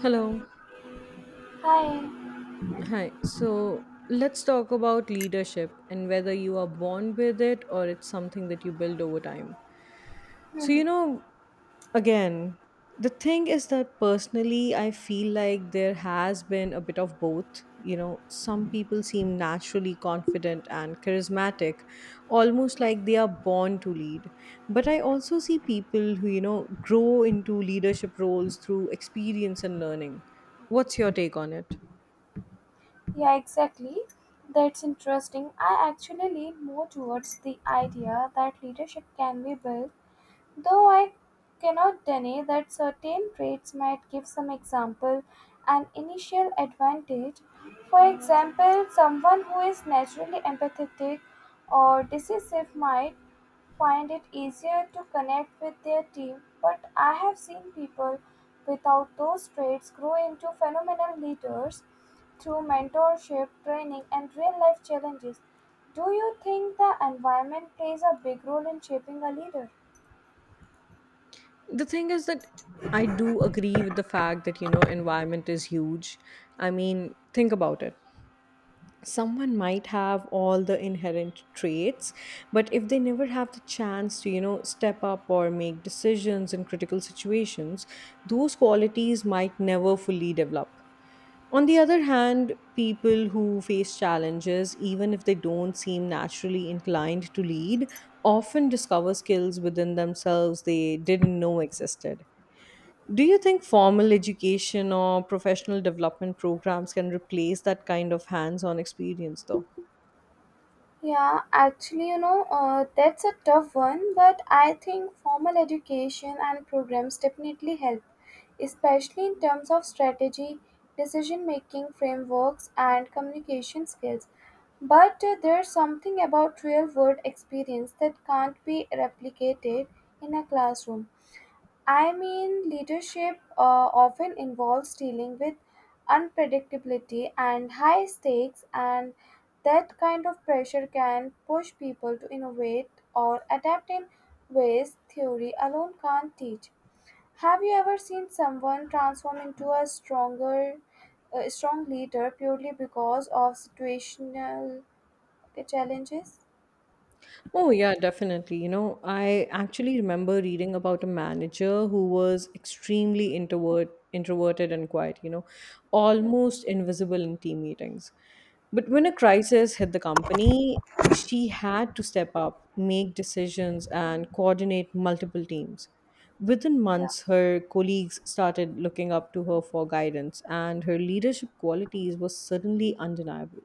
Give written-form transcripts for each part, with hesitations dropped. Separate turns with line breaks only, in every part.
Hello.
Hi,
Hi. So let's talk about leadership and whether you are born with it or it's something that you build over time. So, again, the thing is that personally, I feel like there has been a bit of both. Some people seem naturally confident and charismatic, almost like they are born to lead. But I also see people who grow into leadership roles through experience and learning. What's your take on it?
yeah, exactly. That's interesting. I actually lean more towards the idea that leadership can be built, though I cannot deny that certain traits might give some example an initial advantage. For example, someone who is naturally empathetic or decisive might find it easier to connect with their team, but I have seen people without those traits grow into phenomenal leaders through mentorship, training, and real life challenges. Do you think the environment plays a big role in shaping a leader?
The thing is that I do agree with the fact that environment is huge. I mean, think about it. Someone might have all the inherent traits, but if they never have the chance to step up or make decisions in critical situations, those qualities might never fully develop. On the other hand, people who face challenges, even if they don't seem naturally inclined to lead, often discover skills within themselves they didn't know existed. Do you think formal education or professional development programs can replace that kind of hands on experience, though?
Yeah, actually, you know, that's a tough one, but I think formal education and programs definitely help, especially in terms of strategy, decision making frameworks, and communication skills. But there's something about real world experience that can't be replicated in a classroom. I mean, leadership often involves dealing with unpredictability and high stakes, and that kind of pressure can push people to innovate or adapt in ways theory alone can't teach. Have you ever seen someone transform into a strong leader purely because of situational challenges?
Oh, yeah, definitely. I actually remember reading about a manager who was extremely introverted and quiet, you know,
Hmm.
almost invisible in team meetings. But when a crisis hit the company, she had to step up, make decisions, and coordinate multiple teams. Within
Yeah.
months, her colleagues started looking up to her for guidance, and her leadership qualities were suddenly undeniable.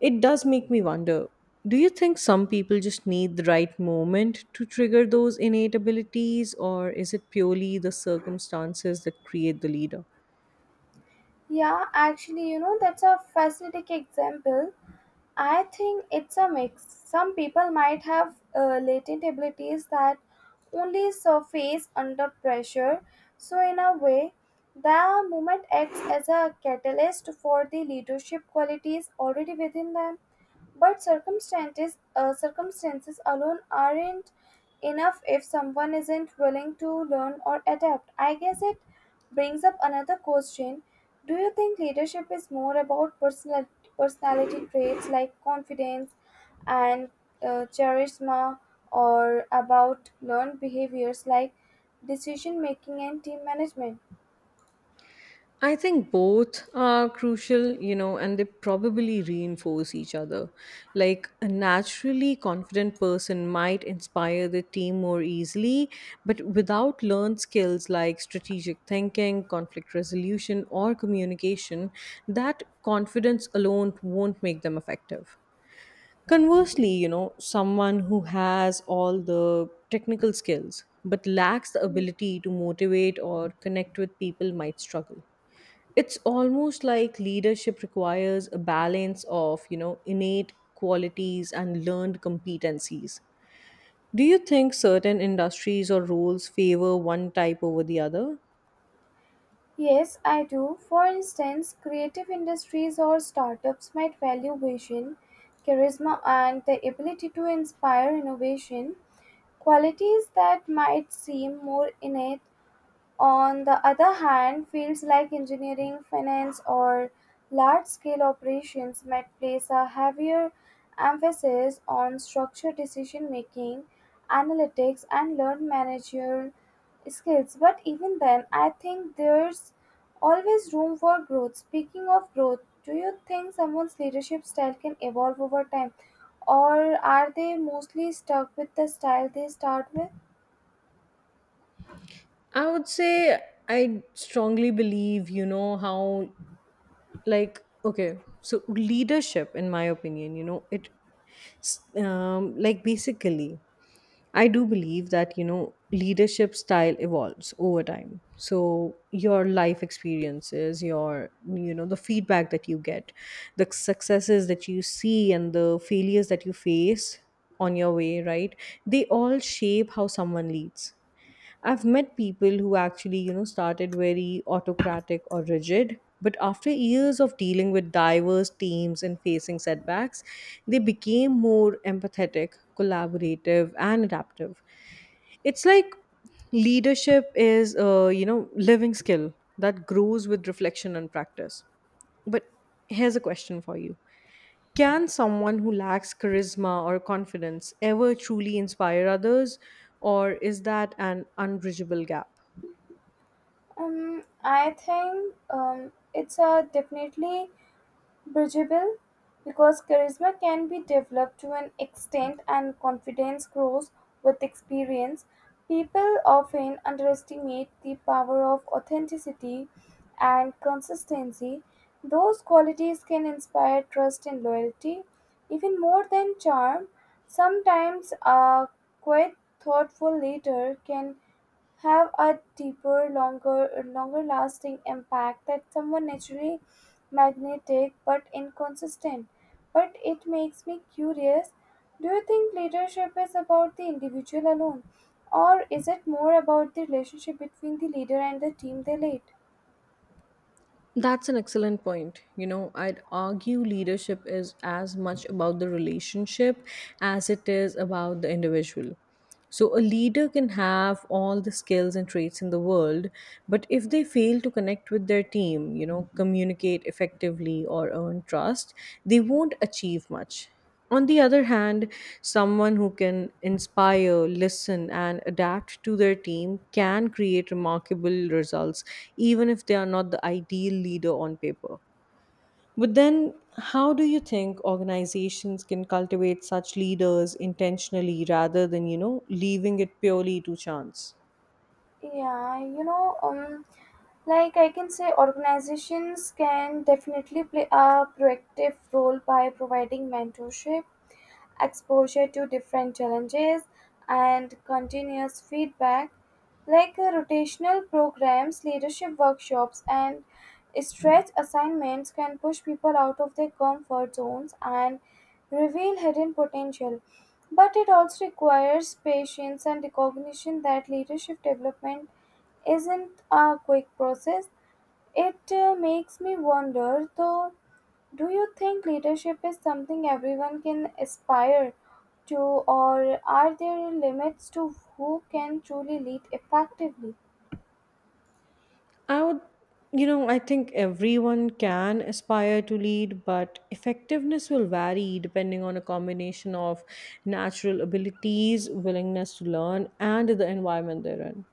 It does make me wonder, do you think some people just need the right moment to trigger those innate abilities, or is it purely the circumstances that create the leader?
Yeah, actually, you know, that's a fascinating example. I think it's a mix. Some people might have latent abilities that only surface under pressure. So, in a way, the movement acts as a catalyst for the leadership qualities already within them. But circumstances, circumstances alone aren't enough if someone isn't willing to learn or adapt. I guess it brings up another question. Do you think leadership is more about personality traits like confidence and charisma, or about learned behaviors like decision making and team management?
I think both are crucial, and they probably reinforce each other. Like a naturally confident person might inspire the team more easily, but without learned skills like strategic thinking, conflict resolution, or communication, that confidence alone won't make them effective. Conversely, someone who has all the technical skills but lacks the ability to motivate or connect with people might struggle. It's almost like leadership requires a balance of innate qualities and learned competencies. Do you think certain industries or roles favor one type over the other?
Yes, I do. For instance, creative industries or startups might value vision, charisma, and the ability to inspire innovation, qualities that might seem more innate on the other hand, fields like engineering, finance, or large scale operations might place a heavier emphasis on structured decision making, analytics, and learned managerial skills. But even then, I think there's always room for growth. Speaking of growth, do you think someone's leadership style can evolve over time, or are they mostly stuck with the style they start with?
I would say, I strongly believe, you know how like, okay, so leadership in my opinion, it like basically I do believe that leadership style evolves over time. So your life experiences, the feedback that you get, the successes that you see, and the failures that you face on your way, right? They all shape how someone leads. I've met people who actually, started very autocratic or rigid, but after years of dealing with diverse teams and facing setbacks, they became more empathetic, collaborative, and adaptive. It's like leadership is a living skill that grows with reflection and practice. But here's a question for you. Can someone who lacks charisma or confidence ever truly inspire others, or is that an unbridgeable gap?
I think it's a definitely bridgeable because charisma can be developed to an extent and confidence grows with experience. People often underestimate the power of authenticity and consistency. Those qualities can inspire trust and loyalty, even more than charm. Sometimes a quite thoughtful leader can have a deeper, longer lasting impact that someone naturally magnetic but inconsistent. But it makes me curious, do you think leadership is about the individual alone, or is it more about the relationship between the leader and the team they lead?
That's an excellent point. I'd argue leadership is as much about the relationship as it is about the individual. So, a leader can have all the skills and traits in the world, but if they fail to connect with their team, communicate effectively or earn trust, they won't achieve much. On the other hand, someone who can inspire, listen, and adapt to their team can create remarkable results, even if they are not the ideal leader on paper. But then, how do you think organizations can cultivate such leaders intentionally rather than leaving it purely to chance?
Yeah, you know, like I can say, organizations can definitely play a proactive role by providing mentorship exposure to different challenges and continuous feedback like rotational programs leadership workshops and stretch assignments can push people out of their comfort zones and reveal hidden potential, but it also requires patience and recognition that leadership development isn't a quick process. It makes me wonder though, do you think leadership is something everyone can aspire to, or are there limits to who can truly lead effectively?
I would, you know, I think everyone can aspire to lead, but effectiveness will vary depending on a combination of natural abilities, willingness to learn, and the environment they're in.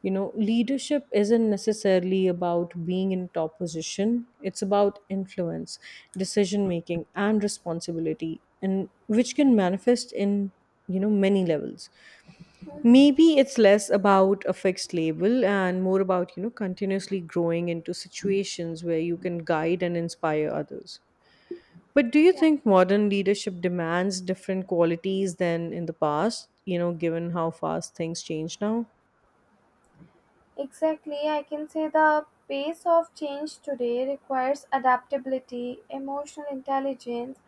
Leadership isn't necessarily about being in top position, it's about influence, decision making, and responsibility, and which can manifest in many levels.
Mhm.
Maybe it's less about a fixed label and more about continuously growing into situations where you can guide and inspire others. But do you
Yeah,
think modern leadership demands different qualities than in the past, given how fast things change now?
exactly. I can say the pace of change today requires adaptability, emotional intelligence,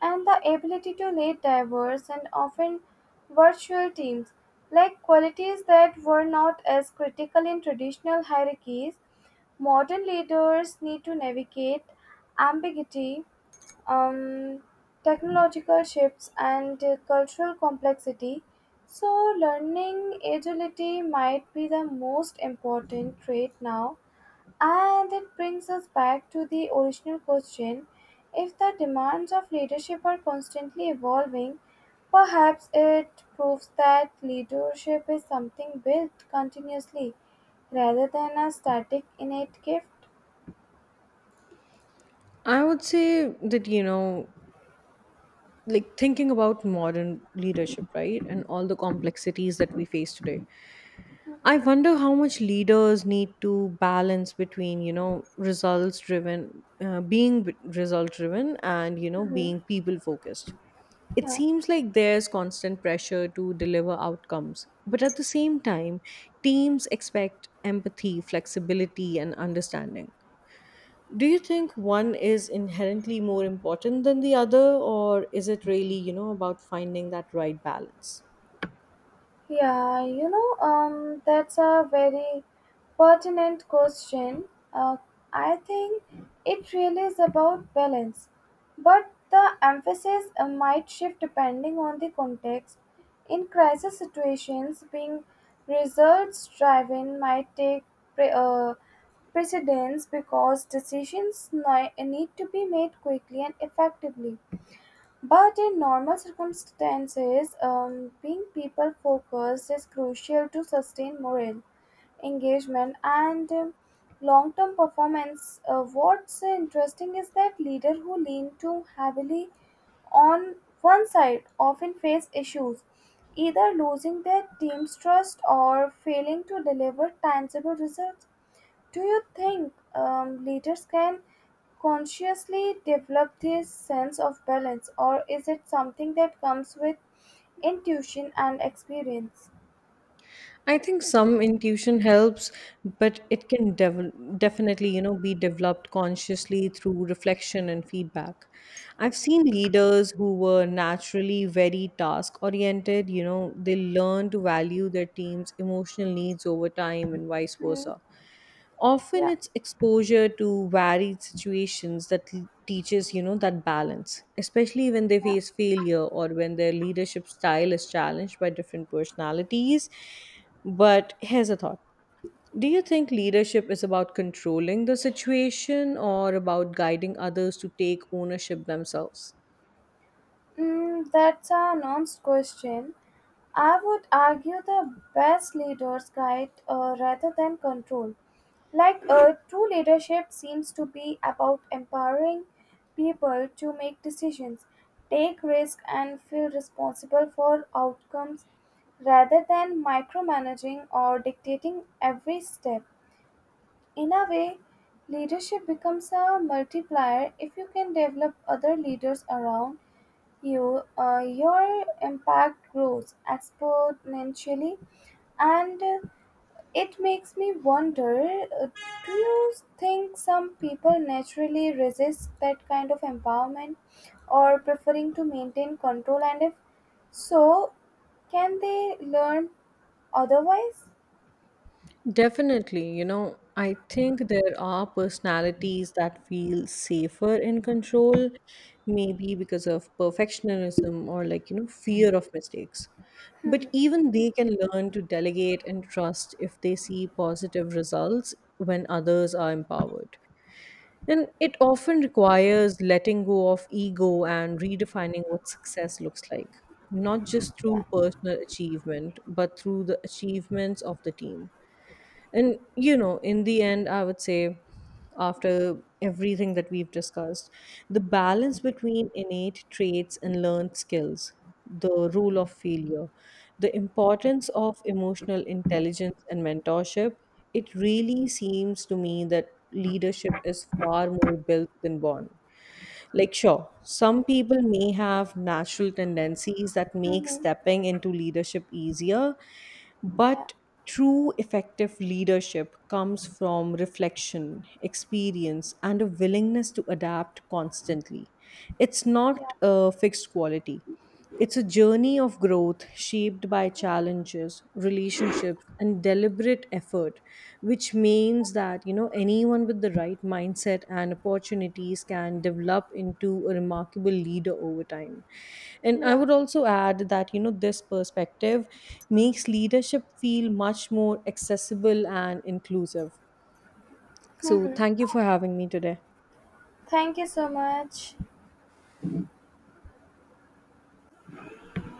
and the ability to lead diverse and often virtual teams. Like qualities that were not as critical in traditional hierarchies, modern leaders need to navigate ambiguity, um, technological shifts, and cultural complexity. So, learning agility might be the most important trait now. And it brings us back to the original question, if the demands of leadership are constantly evolving, perhaps it proves that leadership is something built continuously rather than a static innate gift.
I would say that, like thinking about modern leadership, right? And all the complexities that we face today.
Mhm,
I wonder how much leaders need to balance between results driven, being result driven and, you know,
mhm.
being people focused. It
Yeah,
seems like there's constant pressure to deliver outcomes, but at the same time, teams expect empathy, flexibility, and understanding. Do you think one is inherently more important than the other, or is it really, about finding that right balance?
yeah, you know, that's a very pertinent question. Uh, I think it really is about balance, but the emphasis might shift depending on the context. In crisis situations, being results-driven might take pre- uh, precedence because decisions need to be made quickly and effectively. But in normal circumstances, being people focused is crucial to sustain morale, engagement, and long term performance. What's interesting is that leaders who lean too heavily on one side often face issues, either losing their team's trust or failing to deliver tangible results. Do you think leaders can consciously develop this sense of balance, or is it something that comes with intuition and experience?
I think some intuition helps, but it can definitely be developed consciously through reflection and feedback. I've seen leaders who were naturally very task oriented. They learn to value their team's emotional needs over time and vice
Hmm.
versa. Often
Yeah.
it's exposure to varied situations that teaches that balance, especially when they face failure or when their leadership style is challenged by different personalities. But here's a thought. Do you think leadership is about controlling the situation or about guiding others to take ownership themselves?
Mm, that's a nuanced question. I would argue the best leaders guide rather than control. Like true leadership seems to be about empowering people to make decisions, take risks, and feel responsible for outcomes rather than micromanaging or dictating every step. In a way, leadership becomes a multiplier. If you can develop other leaders around you, your impact grows exponentially, and it makes me wonder, uh, do you think some people naturally resist that kind of empowerment or preferring to maintain control? And if so, can they learn otherwise?
Definitely, I think there are personalities that feel safer in control, maybe because of perfectionism or like fear of mistakes. But even they can learn to delegate and trust if they see positive results when others are empowered. And it often requires letting go of ego and redefining what success looks like, not just
Yeah,
through personal achievement, but through the achievements of the team. And in the end, I would say, after everything that we've discussed, the balance between innate traits and learned skills, the rule of failure, the importance of emotional intelligence and mentorship, it really seems to me that leadership is far more built than born. Like, sure, some people may have natural tendencies that make
mm-hmm.
stepping into leadership easier,
Yeah,
but true effective leadership comes from reflection, experience, and a willingness to adapt constantly. It's
yeah,
not a fixed quality. It's a journey of growth shaped by challenges, relationships, and deliberate effort, which means that anyone with the right mindset and opportunities can develop into a remarkable leader over time. And I
yeah.
would also add that this perspective makes leadership feel much more accessible and inclusive. So thank
Mm-hmm.
you for having me today.
Thank you so much.